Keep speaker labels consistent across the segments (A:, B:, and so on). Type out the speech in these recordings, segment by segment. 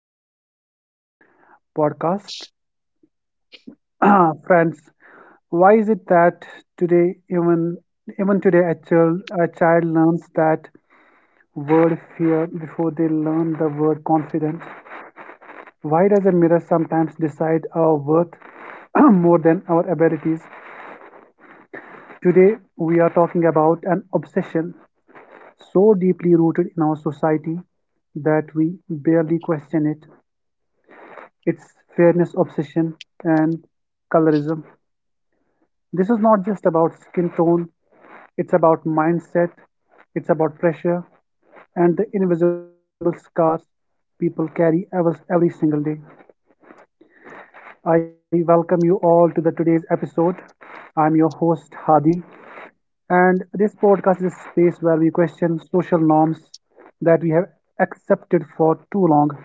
A: episode of our podcast. Friends, why is it that today, even today, a child learns that word fear before they learn the word confidence? Why does a mirror sometimes decide our worth more than our abilities? Today, we are talking about an obsession so deeply rooted in our society that we barely question it. Its fairness obsession, and colorism. This is not just about skin tone, it's about mindset, it's about pressure, and the invisible scars people carry every single day. I welcome you all to the today's episode. I'm your host Hadi, and this podcast is a space where we question social norms that we have accepted for too long.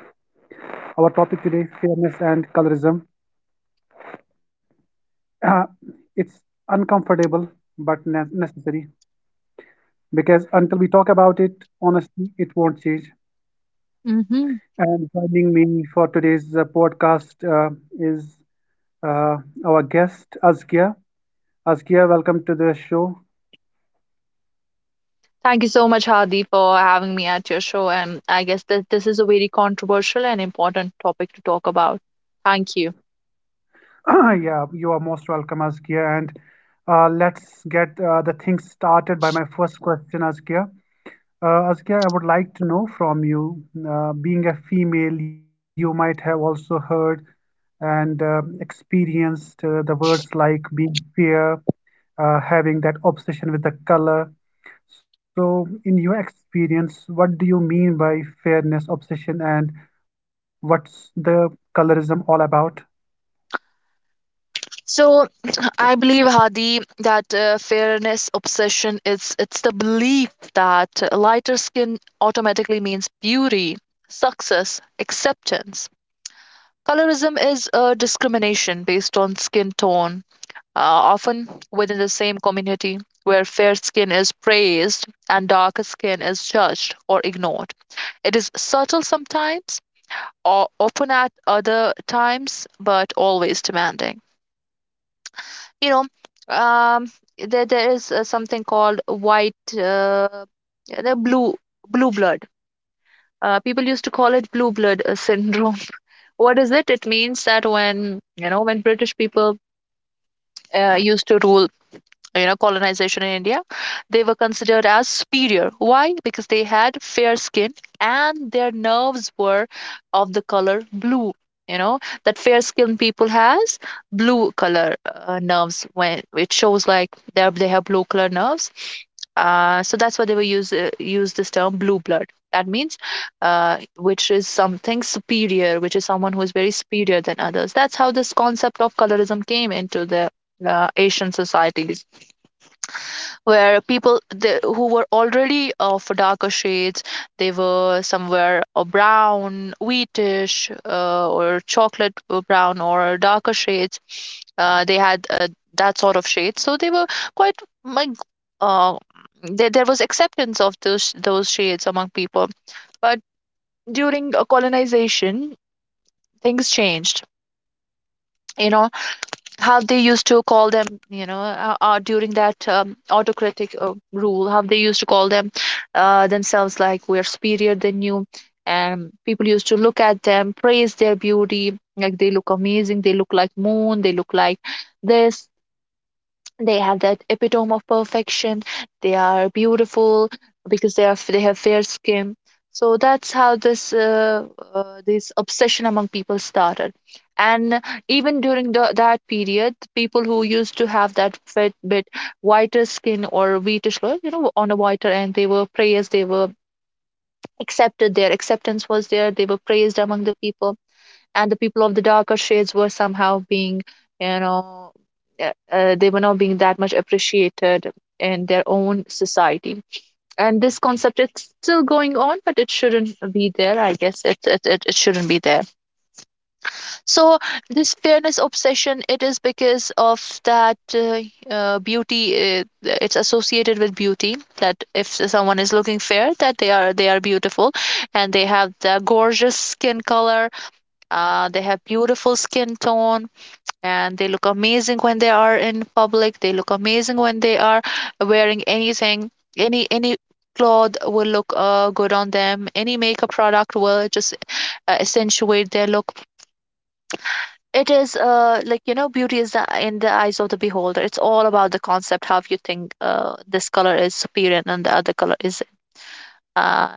A: Our topic today, fairness and colorism. uh, it's uncomfortable but necessary because until we talk about it honestly, it won't change,
B: Mm-hmm.
A: and joining me for today's podcast is uh, our guest Azkia. Azkia, welcome to the show.
B: Thank you so much, Hadi, for having me at your show. And I guess that this is a very controversial and important topic to talk about. Thank you.
A: Yeah, you are most welcome, Azkia, and let's get the things started by my first question, Azkia. Azkia, I would like to know from you, being a female, you might have also heard and experienced the words like being fair, having that obsession with the color. So, in your experience, what do you mean by fairness, obsession, and what's the colorism all about?
B: So, I believe, Hadi, that fairness obsession is it's the belief that lighter skin automatically means beauty, success, acceptance. Colorism is a discrimination based on skin tone, often within the same community where fair skin is praised and darker skin is judged or ignored. It is subtle sometimes, or open at other times, but always demanding. You know, um, there is something called white, the blue blood. People used to call it blue blood syndrome. What is it? It means that, when you know, when British people used to rule, you know, colonization in india, they were considered as superior. Why? Because they had fair skin, and their nerves were of the color blue. You know, that fair skinned people has blue color nerves. When it shows like they have blue color nerves, so that's why they were use this term blue blood. That means, which is something superior, which is someone who is very superior than others. That's how this concept of colorism came into the asian societies, where people who were already of darker shades, they were somewhere a brown wheatish or chocolate brown or darker shades. They had That sort of shade, so they were quite like, uh, there was acceptance of those shades among people. But during colonization, things changed, you know. How they used to call them, you know, during that autocratic rule, how they used to call them themselves, like, we're superior than you. And people used to look at them, praise their beauty, like they look amazing, they look like moon, they look like this, they have that epitome of perfection, they are beautiful because they have fair skin. So that's how this this obsession among people started. And even during that period, people who used to have that bit whiter skin or whitish you know, on a whiter end, they were praised, they were accepted, their acceptance was there, they were praised among the people. And the people of the darker shades were somehow being, you know, they were not being that much appreciated in their own society. And this concept is still going on, but it shouldn't be there. I guess it shouldn't be there. So this fairness obsession, it is because of that beauty. uh, it's associated with beauty that if someone is looking fair, that they are beautiful, and they have the gorgeous skin color, they have beautiful skin tone, and they look amazing when they are in public. They look amazing when they are wearing anything. Any cloth will look good on them. Any makeup product will just accentuate their look. It is like, you know, beauty is in the eyes of the beholder. It's all about the concept how you think this color is superior and the other color is uh,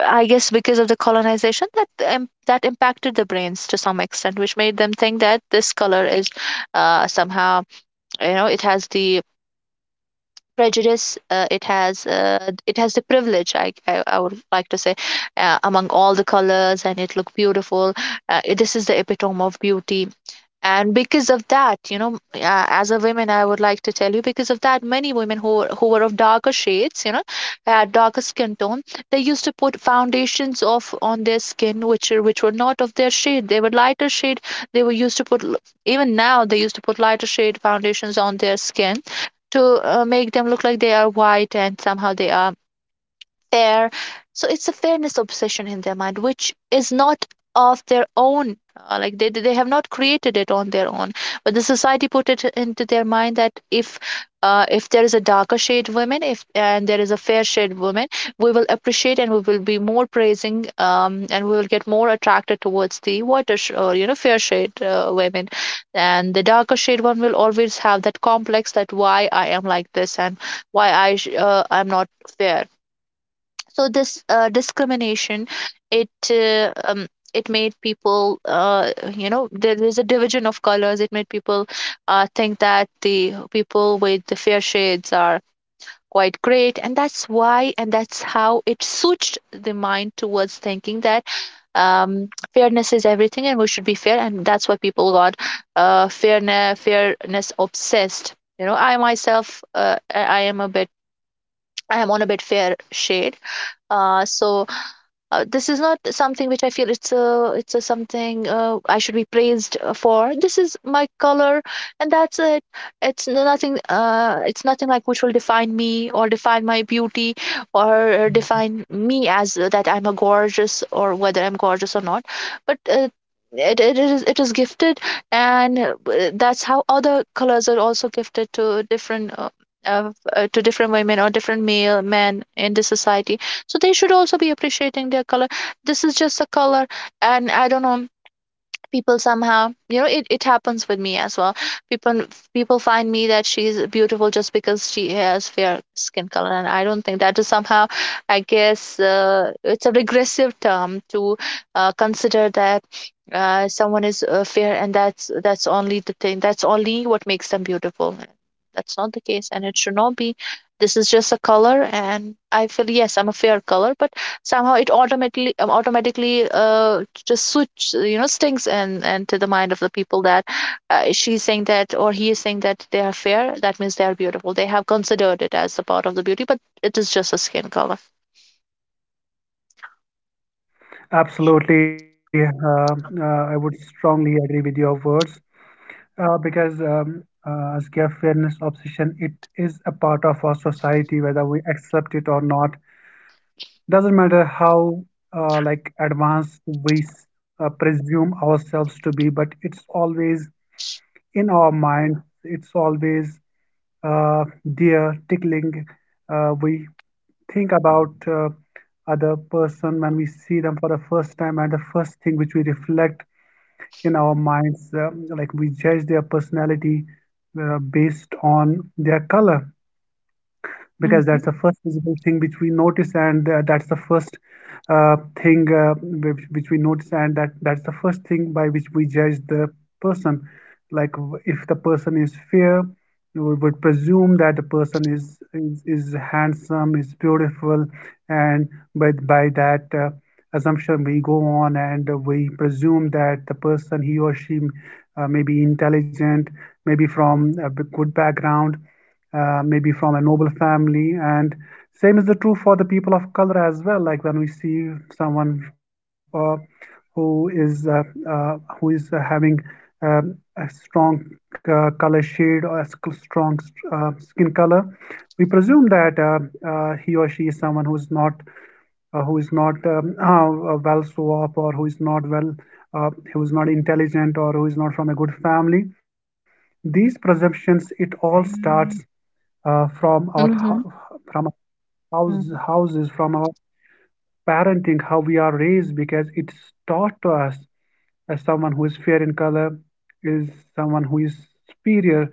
B: I guess because of the colonization, that that impacted the brains to some extent, which made them think that this color is somehow, you know, it has the prejudice, it has the privilege. I would like to say, among all the colors, and it look beautiful. This is the epitome of beauty. And because of that, you know, as a woman I would like to tell you, because of that, many women who who were of darker shades, you know, darker skin tone, they used to put foundations of on their skin which which were not of their shade. They were lighter shade. They were used to put l- Even now they used to put lighter shade foundations on their skin to make them look like they are white and somehow they are fair. So it's a fairness obsession in their mind, which is not of their own. Like they have not created it on their own, but the society put it into their mind that if if there is a darker shade woman, if and there is a fair shade woman, we will appreciate and we will be more praising, and we will get more attracted towards the whiter or, you know, fair shade women, and the darker shade one will always have that complex that why I am like this, and why I'm not fair. So this discrimination, it uh, um, it made people, you know, there is a division of colors. It made people think that the people with the fair shades are quite great, and that's why and that's how it switched the mind towards thinking that um, fairness is everything and we should be fair. And that's why people got fairness obsessed. You know, I myself, I am a bit, I am on a bit fair shade. So this is not something which I feel it's a something I should be praised for. This is my color, and that's it. It's nothing. It's nothing like which will define me or define my beauty or define me as that I'm a gorgeous or whether I'm gorgeous or not. But it is gifted, and that's how other colors are also gifted to different. To different women or different male men in the society, so they should also be appreciating their color. This is just a color, and I don't know, people somehow, you know, it happens with me as well. people People find me that she's beautiful just because she has fair skin color, and I don't think that is somehow, I guess, it's a regressive term to consider that someone is fair, and that's only the thing, that's only what makes them beautiful. That's not the case, and it should not be. This is just a color, and I feel yes, I'm a fair color, but somehow it automatically automatically just switch, you know, stinks and to the mind of the people that she's saying that or he is saying that they are fair, that means they are beautiful. They have considered it as a part of the beauty, but it is just a skin color.
A: Absolutely. I would strongly agree with your words because as care fairness obsession, it is a part of our society, whether we accept it or not. Doesn't matter how like advanced we presume ourselves to be, but it's always in our mind, it's always there tickling. We think about other person when we see them for the first time, and the first thing which we reflect in our minds, like we judge their personality based on their color, because
B: Mhm.
A: that's the first visible thing which we notice, and that's the first uh, thing which we notice, and that's the first thing by which we judge the person. Like if the person is fair, we would presume that the person is handsome, is beautiful, and by that assumption we go on, and we presume that the person, he or she, may be intelligent, maybe from a good background, maybe from a noble family. And same is the true for the people of color as well. Like when we see someone who is uh, uh, who is having a strong color shade or a strong skin color, we presume that he or she is someone who is not well so up, or who is not well, who is not intelligent, or who is not from a good family. These presumptions, it all starts uh, from our
B: Hmm.
A: hou- from our house,
B: Mhm.
A: houses, from our parenting, how we are raised, because it's taught to us as someone who is fair in color is someone who is superior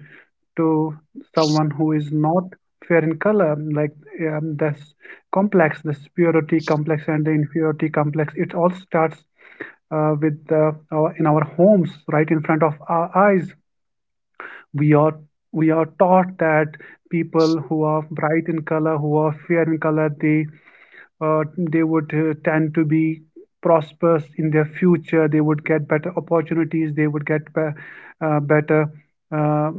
A: to someone who is not fair in color. Like this complex, the superiority complex and the inferiority complex. It all starts with our, in our homes, right in front of our eyes. We are we are taught that people who are bright in color, who are fair in color, uh, they would tend to be prosperous in their future, they would get better opportunities, they would get better uh,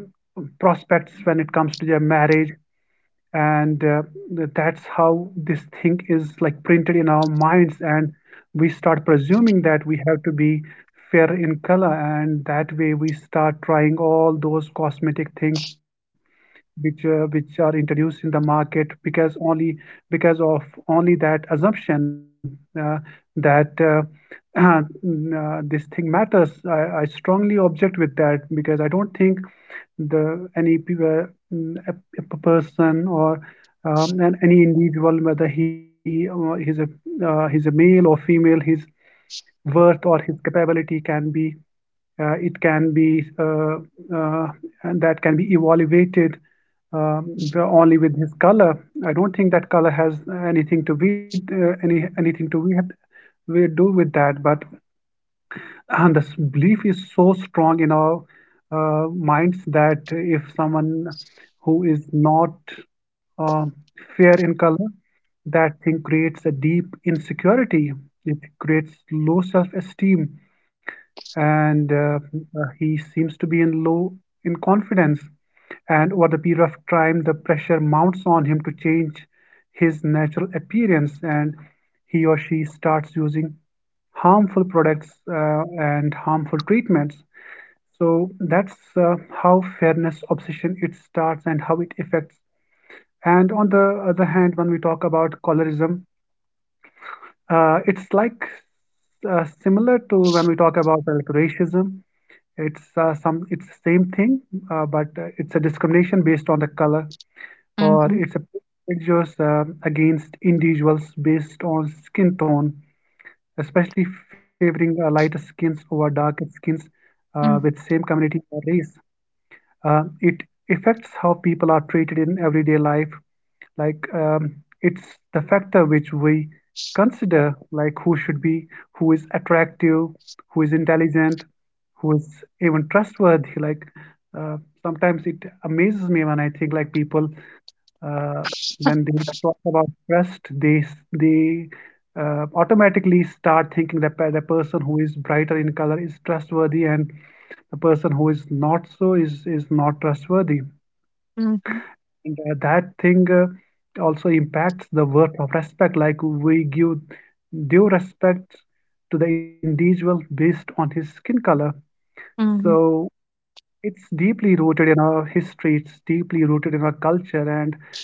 A: prospects when it comes to their marriage, and that's how this thing is like printed in our minds, and we start presuming that we have to be fair in color, and that way we start trying all those cosmetic things which are introduced in the market, because only because of only that assumption that this thing matters. I strongly object with that, because I don't think the any pe- mm, a person or any individual, whether he's a male or female, he's worth or his capability can be it can be uh, and that can be evaluated um, only with his color. I don't think that color has anything to be anything to we have we do with that. But and this belief is so strong in our minds that if someone who is not uh, fair in color, that thing creates a deep insecurity. It creates low self esteem, and he seems to be in low in confidence, and over the period of time the pressure mounts on him to change his natural appearance, and he or she starts using harmful products and harmful treatments. So that's how fairness obsession, it starts and how it affects. And on the other hand, when we talk about colorism, it's like similar to when we talk about like racism. It's some it's the same thing, but it's a discrimination based on the color, or
B: Mhm.
A: it's a prejudice against individuals based on skin tone, especially favoring lighter skins over darker skins with
B: Mhm.
A: same community or race. It affects how people are treated in everyday life, like it's the factor which we consider, like who should be, who is attractive, who is intelligent, who is even trustworthy. Like uh, sometimes it amazes me when I think like people uh, when they talk about trust they automatically start thinking that the person who is brighter in color is trustworthy, and the person who is not so is not trustworthy,
B: Mhm,
A: and that thing also impacts the worth of respect. Like we give due respect to the individual based on his skin color.
B: mhm.
A: So it's deeply rooted in our history, it's deeply rooted in our culture, and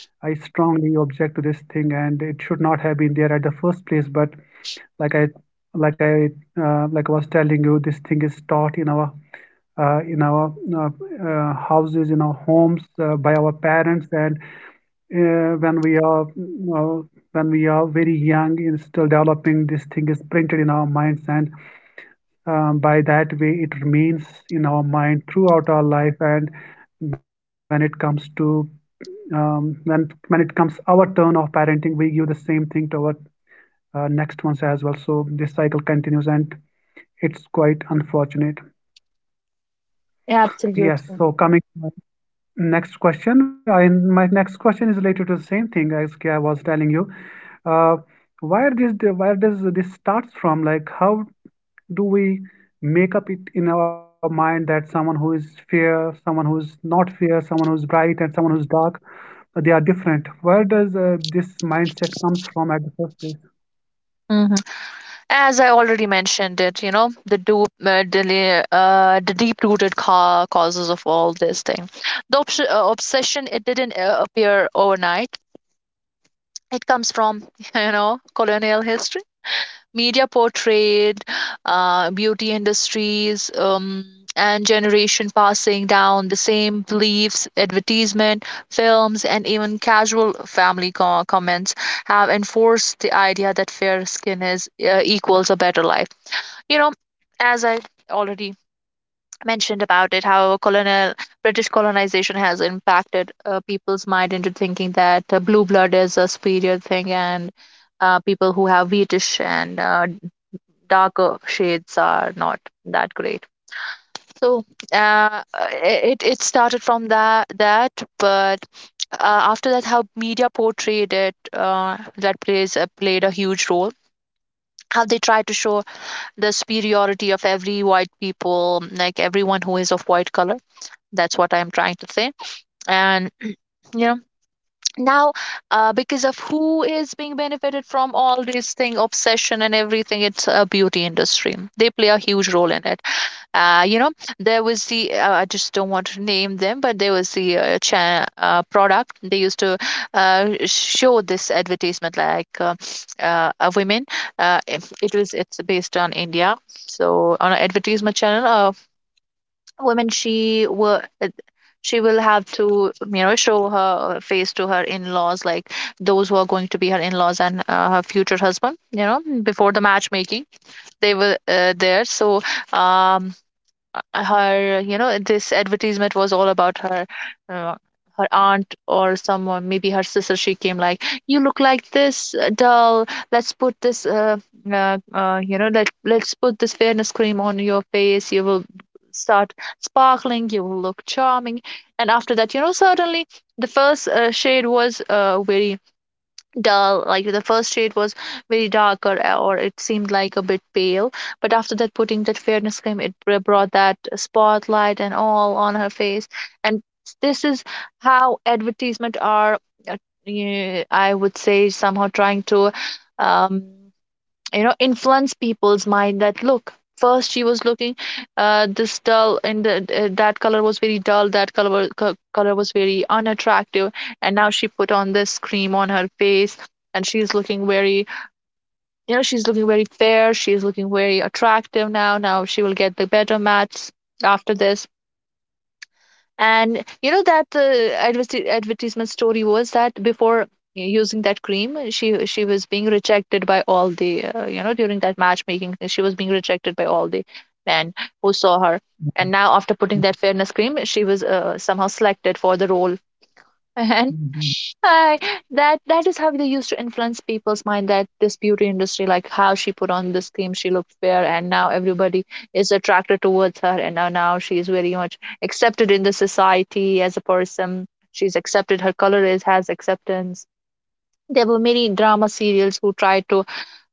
A: I strongly object to this thing. And it should not have been there at the first place. But like I, like I, like I was telling you, this thing is taught in our uh, in our uh, houses, in our homes, by our parents, and when we are, you know, when we are very young and still developing, this thing is printed in our minds, and by that way it remains in our mind throughout our life, and when it comes to when it comes our turn of parenting, we give the same thing to our next ones as well, so this cycle continues, and it's quite unfortunate. Yes, so
B: Absolutely.
A: coming to my next question, my next question is related to the same thing, as I was telling you. uh, where this, where does this starts from? Like how do we make up it in our mind that someone who is fair, someone who is not fair, someone who is bright and someone who is dark, they are different? Where does this mindset comes from at the first place?
B: Mhm. As I already mentioned it, you know, the deep-rooted ca causes of all this thing. The obsession, it didn't appear overnight. It comes from, you know, colonial history. Media portrayed, beauty industries, and generation passing down the same beliefs, advertisement, films, and even casual family comments have enforced the idea that fair skin is equals a better life. You know, as I already mentioned about it, how colonial british colonization has impacted people's mind into thinking that blue blood is a superior thing, and people who have British and darker shades are not that great. So uh, it it started from that, but after that, how media portrayed it, that plays played a huge role. How they try to show the superiority of every white people, like everyone who is of white color. That's what I'm trying to say. And you know, now because of who is being benefited from all these thing, obsession and everything, it's a beauty industry, they play a huge role in it. You know, there was the I just don't want to name them, but there was the product. They used to show this advertisement, like a women, it's based on india. So on an advertisement channel, women she were she will have to, you know, show her face to her in-laws, like those who are going to be her in-laws and her future husband, you know, before the matchmaking, they were there. So um her, you know, this advertisement was all about her, uh, her aunt or someone, maybe her sister. She came like, you look like this doll, let's put this you know, let's put this fairness cream on your face. You will start sparkling, you will look charming. And after that, you know, suddenly the first shade was very dull. Like the first shade was very dark or it seemed like a bit pale. But after that, putting that fairness cream, it brought that spotlight and all on her face. And this is how advertisement are. uh, I would say somehow trying to, um you know, influence people's mind that look, first she was looking this dull, and that color was very dull, that color was very unattractive. And now she put on this cream on her face, and she's looking very, you know, she's looking very fair, she's looking very attractive. Now, now she will get the better match after this. And you know, that advertisement story was that before using that cream, she was being rejected by all the you know, during that matchmaking, she was being rejected by all the men who saw her. And now, after putting that fairness cream, she was somehow selected for the role. Hi, that is how they used to influence people's mind, that this beauty industry, like how she put on this cream, she looked fair, and now everybody is attracted towards her, and now she is very much accepted in the society as a person. She's accepted, her color is has acceptance. There were many drama serials who tried to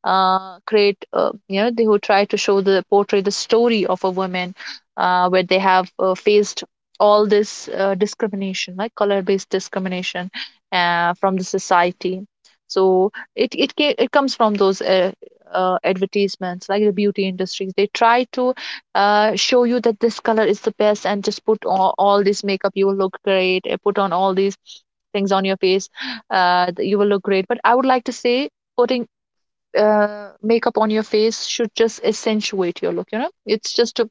B: create, you know, they who try to show the portray the story of a woman where they have faced all this discrimination, like color based discrimination from the society. So it it comes from those advertisements, like the beauty industries, they try to show you that this color is the best, and just put all this makeup, you will look great. Put on all these things on your face, you will look great. But I would like to say, putting makeup on your face should just accentuate your look. You know, it's just a,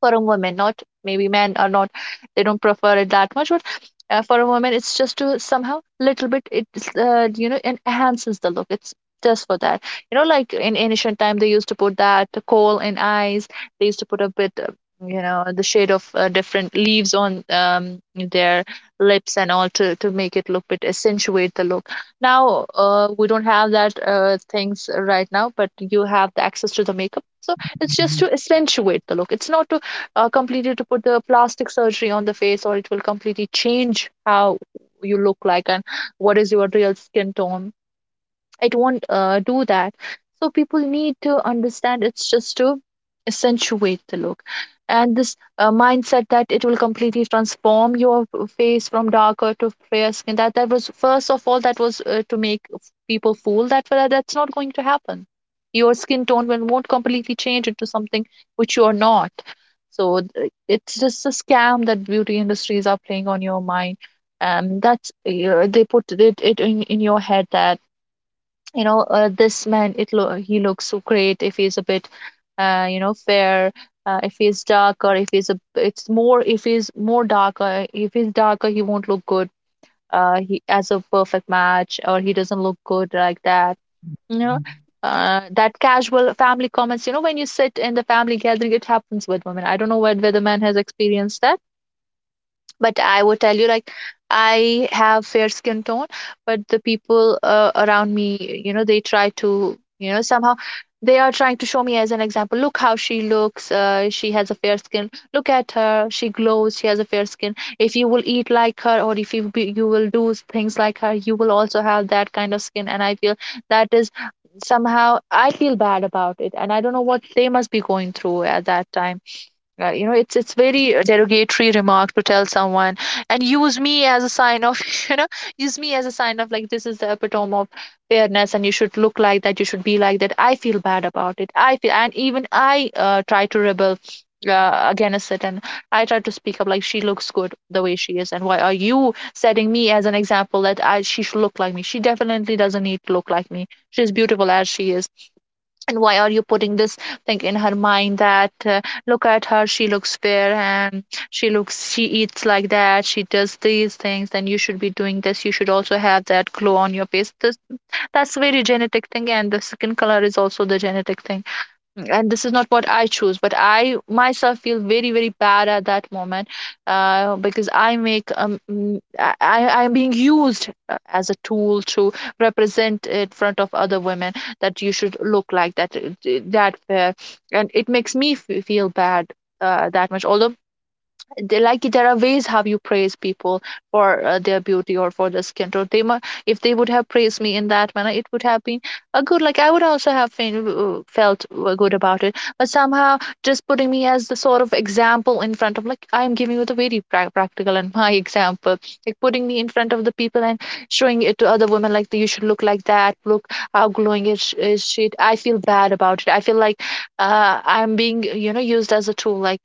B: for a woman, not maybe men are not, they don't prefer it that much. But for a woman, it's just to somehow, little bit, it's, you know, it enhances the look. It's just for that. You know, like in ancient time, they used to put that coal in eyes. They used to put a bit, you know, the shade of different leaves on, their lips and all, to make it look bit, accentuate the look. Now, we don't have that things right now, but you have the access to the makeup, so it's just to accentuate the look. It's not to completely to put the plastic surgery on the face, or it will completely change how you look like, and what is your real skin tone. I don't do that. So people need to understand, it's just to accentuate the look. And this mindset that it will completely transform your face from darker to fair skin, that was, first of all, that was to make people fool, that well, that's not going to happen. Your skin tone will, won't completely change into something which you are not. So it's just a scam that beauty industries are playing on your mind. That's they put it in your head that, you know, this man, he looks so great if he's a bit, you know, fair. If he's dark, or if he's a, it's more, if he's more darker, if he's darker, he won't look good. He as a perfect match, or he doesn't look good like that, you know. That casual family comments, you know, when you sit in the family gathering, it happens with women. I don't know whether the man has experienced that, but I would tell you, like, I have fair skin tone. But the people around me, you know, they try to, you know, somehow, they are trying to show me as an example, look how she looks, she has a fair skin, look at her, she glows, she has a fair skin. If you will eat like her, or if you will do things like her, you will also have that kind of skin. And I feel that is, somehow I feel bad about it, and I don't know what they must be going through at that time. You know, it's very a derogatory remark to tell someone, and use me as a sign of, you know, use me as a sign of, like this is the epitome of fairness, and you should look like that, you should be like that. I feel bad about it. I feel, and even I try to rebel against it. And I try to speak up, like she looks good the way she is, and why are you setting me as an example that I, she should look like me? She definitely doesn't need to look like me. She's beautiful as she is, and why are you putting this thing in her mind that, look at her, she looks fair, and she looks, she eats like that, she does these things, then you should be doing this, you should also have that glow on your face, this, that's very genetic thing, and the skin color is also the genetic thing, and this is not what I choose. But I myself feel very, very bad at that moment, because I make I'm being used as a tool to represent in front of other women, that you should look like that, that fair. And it makes me feel bad that much. Although they, like there are ways how you praise people for their beauty or for their skin tone. If they would have praised me in that manner, it would have been a good. Like I would also have felt good about it. But somehow, just putting me as the sort of example in front of, like I am giving you the very practical and my example, like putting me in front of the people and showing it to other women, like you should look like that. Look how glowing is she. I feel bad about it. I feel like, I'm being, you know, used as a tool. Like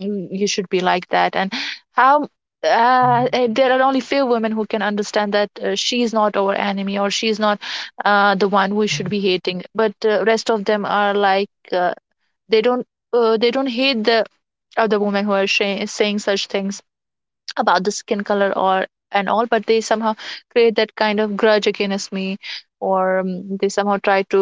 B: you should be like that. And how, there are only few women who can understand that, she is not our enemy, or she is not the one we should be hating. But rest of them are like, they don't, they don't hate the other women who are saying such things about the skin color or and all, but they somehow create that kind of grudge against me. Or they somehow try to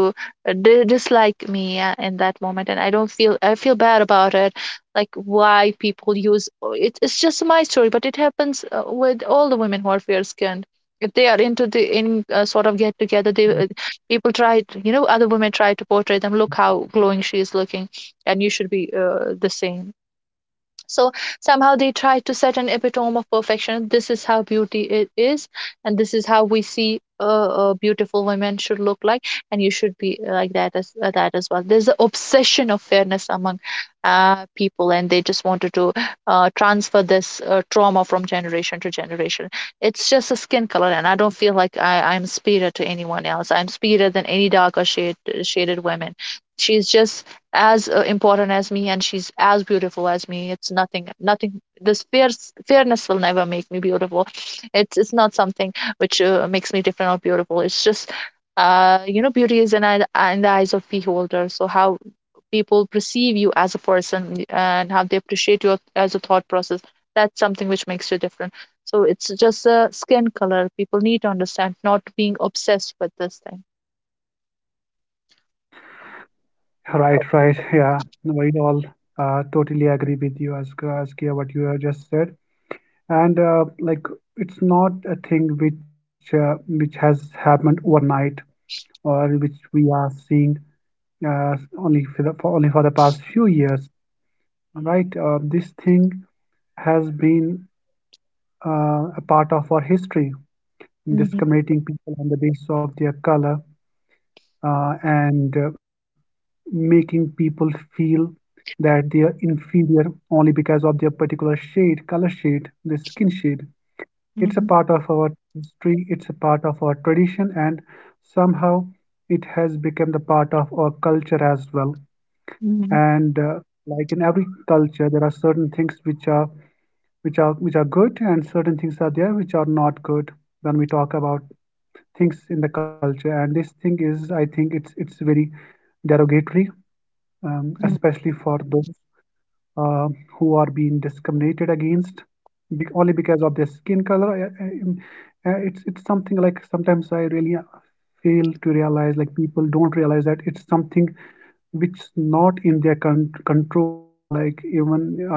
B: dislike me in that moment, and I don't feel, I feel bad about it. Like why people use, oh, it's just my story, but it happens with all the women who are fair skinned. If they are into the in sort of get together, they people try to, you know, other women try to portray them, look how glowing she is looking, and you should be the same. So somehow they try to set an epitome of perfection, this is how beauty it is, and this is how we see a beautiful women should look like, and you should be like that as well. There's an obsession of fairness among people, and they just wanted to transfer this trauma from generation to generation. It's just a skin color, and I don't feel like I'm superior to anyone else, I'm superior than any darker shaded women. She's just as important as me, and she's as beautiful as me. It's nothing, this fierce fairness will never make me beautiful. It's not something which makes me different or beautiful. It's just, you know, beauty is in the eyes of beholder. So how people perceive you as a person, and how they appreciate you as a thought process, that's something which makes you different. So it's just a skin color, people need to understand, not being obsessed with this thing.
A: Right, right, yeah, we all totally agree with you as Askia, what you have just said. And like it's not a thing which has happened overnight, or which we are seeing only for the for only for the past few years, right? This thing has been a part of our history,
B: Mhm.
A: discriminating people on the basis of their color, and making people feel that they are inferior only because of their particular shade, color shade, the skin shade. It's a
B: Mhm.
A: part of our history, it's a part of our tradition, and somehow it has become the part of our culture as well.
B: Mhm.
A: And like in every culture there are certain things which are which are which are good, and certain things are there which are not good, when we talk about things in the culture. And this thing is, I think it's very derogatory, especially for those uh, who are being discriminated against bec only because of their skin color. It's something. Like sometimes I really fail to realize, like people don't realize, that it's something which is not in their control. Like even uh,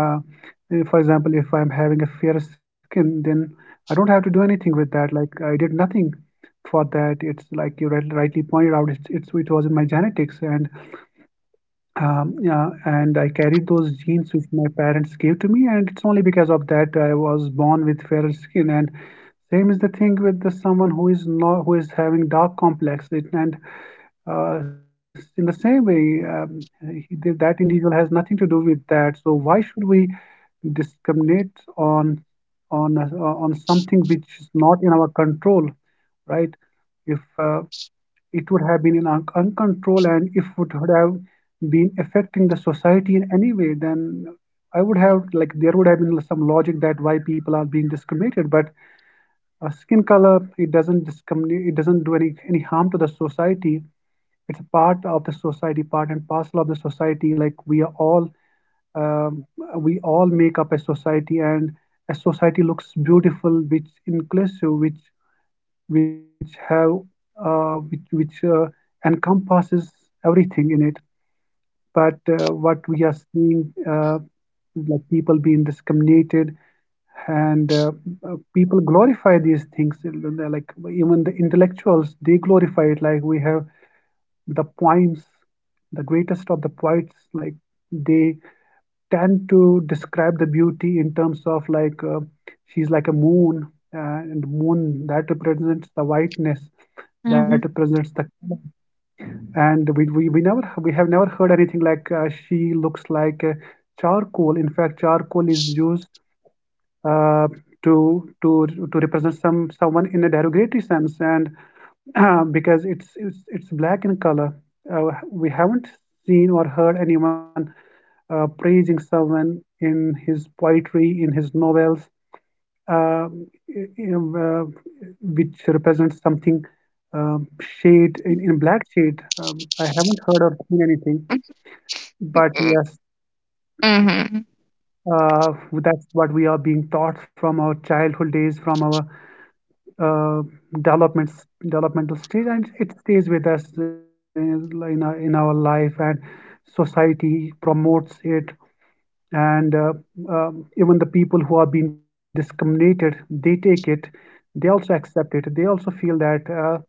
A: for example, if I'm having a fair skin, then I don't have to do anything with that. Like I did nothing for that. It's like you rightly pointed out. It's it was in my genetics, and yeah, and I carried those genes which my parents gave to me, and it's only because of that I was born with fairer skin. And same is the thing with the someone who is not, who is having dark complex. It, and uh, in the same way, that individual has nothing to do with that. So why should we discriminate on something which is not in our control, right? If it would have been in uncontrol, and if it would have been affecting the society in any way, then I would have, like, there would have been some logic that why people are being discriminated. But skin color, it doesn't discriminate, it doesn't do any harm to the society. It's a part of the society, part and parcel of the society. Like we are all, um, we all make up a society. And a society looks beautiful which inclusive, which have, which encompasses everything in it. But what we are seeing, like people being discriminated, and people glorify these things, and they're, like, even the intellectuals, they glorify it. Like we have the poems, the greatest of the poets, like, they tend to describe the beauty in terms of, like, she's like a moon, and moon that represents the whiteness, that
B: Mhm.
A: represents the color. And we never we have never heard anything like, she looks like, charcoal. In fact, charcoal is used uh, to to to represent someone in a derogatory sense, and because it's black in color. uh, we haven't seen or heard anyone praising someone in his poetry, in his novels, uh, uh, which represents something, um shade in black shade. I haven't heard or seen anything, but
B: Mhm.
A: yes,
B: Mhm.
A: that's what we are being taught from our childhood days, from our uh, developmental stage, and it stays with us in our life. And society promotes it, and even the people who are being discriminated, they take it, they also accept it, they also feel that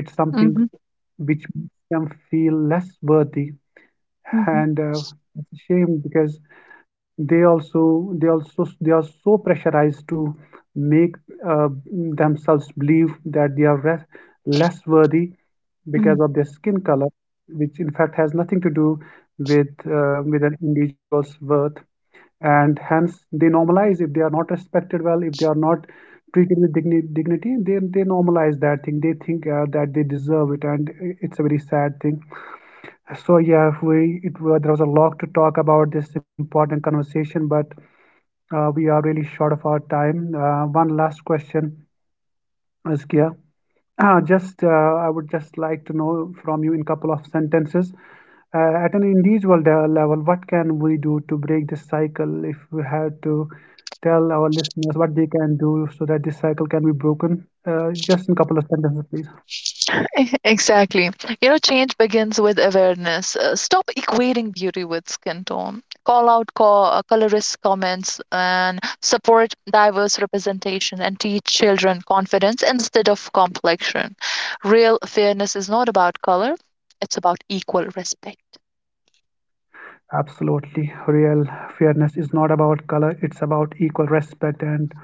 A: it's something
B: Mhm.
A: which makes them feel less worthy.
B: Mhm.
A: And it's a shame, because they are so pressurized to make uh, themselves believe that they are less worthy
B: Mm.
A: because of their skin color, which in fact has nothing to do with an individual's worth. And hence they normalize, if they are not respected well, if they are not treated with dignity, they normalize that thing, they think that they deserve it, and it's a very sad thing. So yeah, we, there was a lot to talk about this important conversation, but we are really short of our time. One last question, Azkia. Just I would just like to know from you in couple of sentences. At an individual level, what can we do to break this cycle? If we had to tell our listeners what they can do so that this cycle can be broken, just in couple of sentences, please.
B: E- Exactly. You know, change begins with awareness. Stop equating beauty with skin tone. Call out colorist comments, and support diverse representation, and teach children confidence instead of complexion. Real fairness is not about color, it's about equal respect.
A: Absolutely. Real fairness is not about color, it's about equal respect. And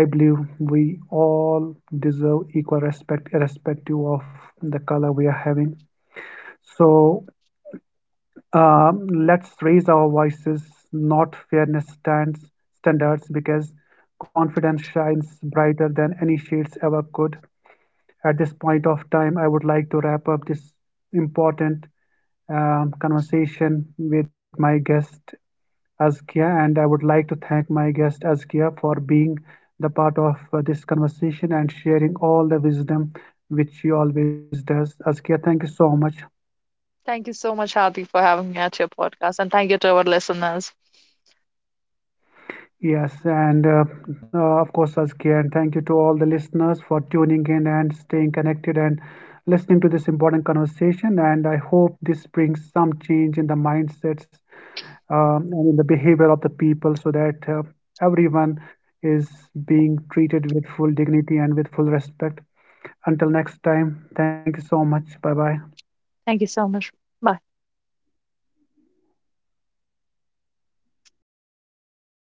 A: I believe we all deserve equal respect, irrespective of the color we are having. So let's raise our voices, not fairness stands, standards, because confidence shines brighter than any shades ever could. At this point of time, I would like to wrap up this important, conversation with my guest Askia, and I would like to thank my guest Askia for being the part of this conversation and sharing all the wisdom which she always does. Askia, thank you so much.
B: Thank you so much, Hadi, for having me at your podcast. And thank you to our listeners.
A: Yes, and of course, Askia, and thank you to all the listeners for tuning in and staying connected and listening to this important conversation. And I hope this brings some change in the mindsets and in the behavior of the people so that everyone is being treated with full dignity and with full respect. Until next time, thank you so much. Bye bye.
B: Thank you so much. Bye.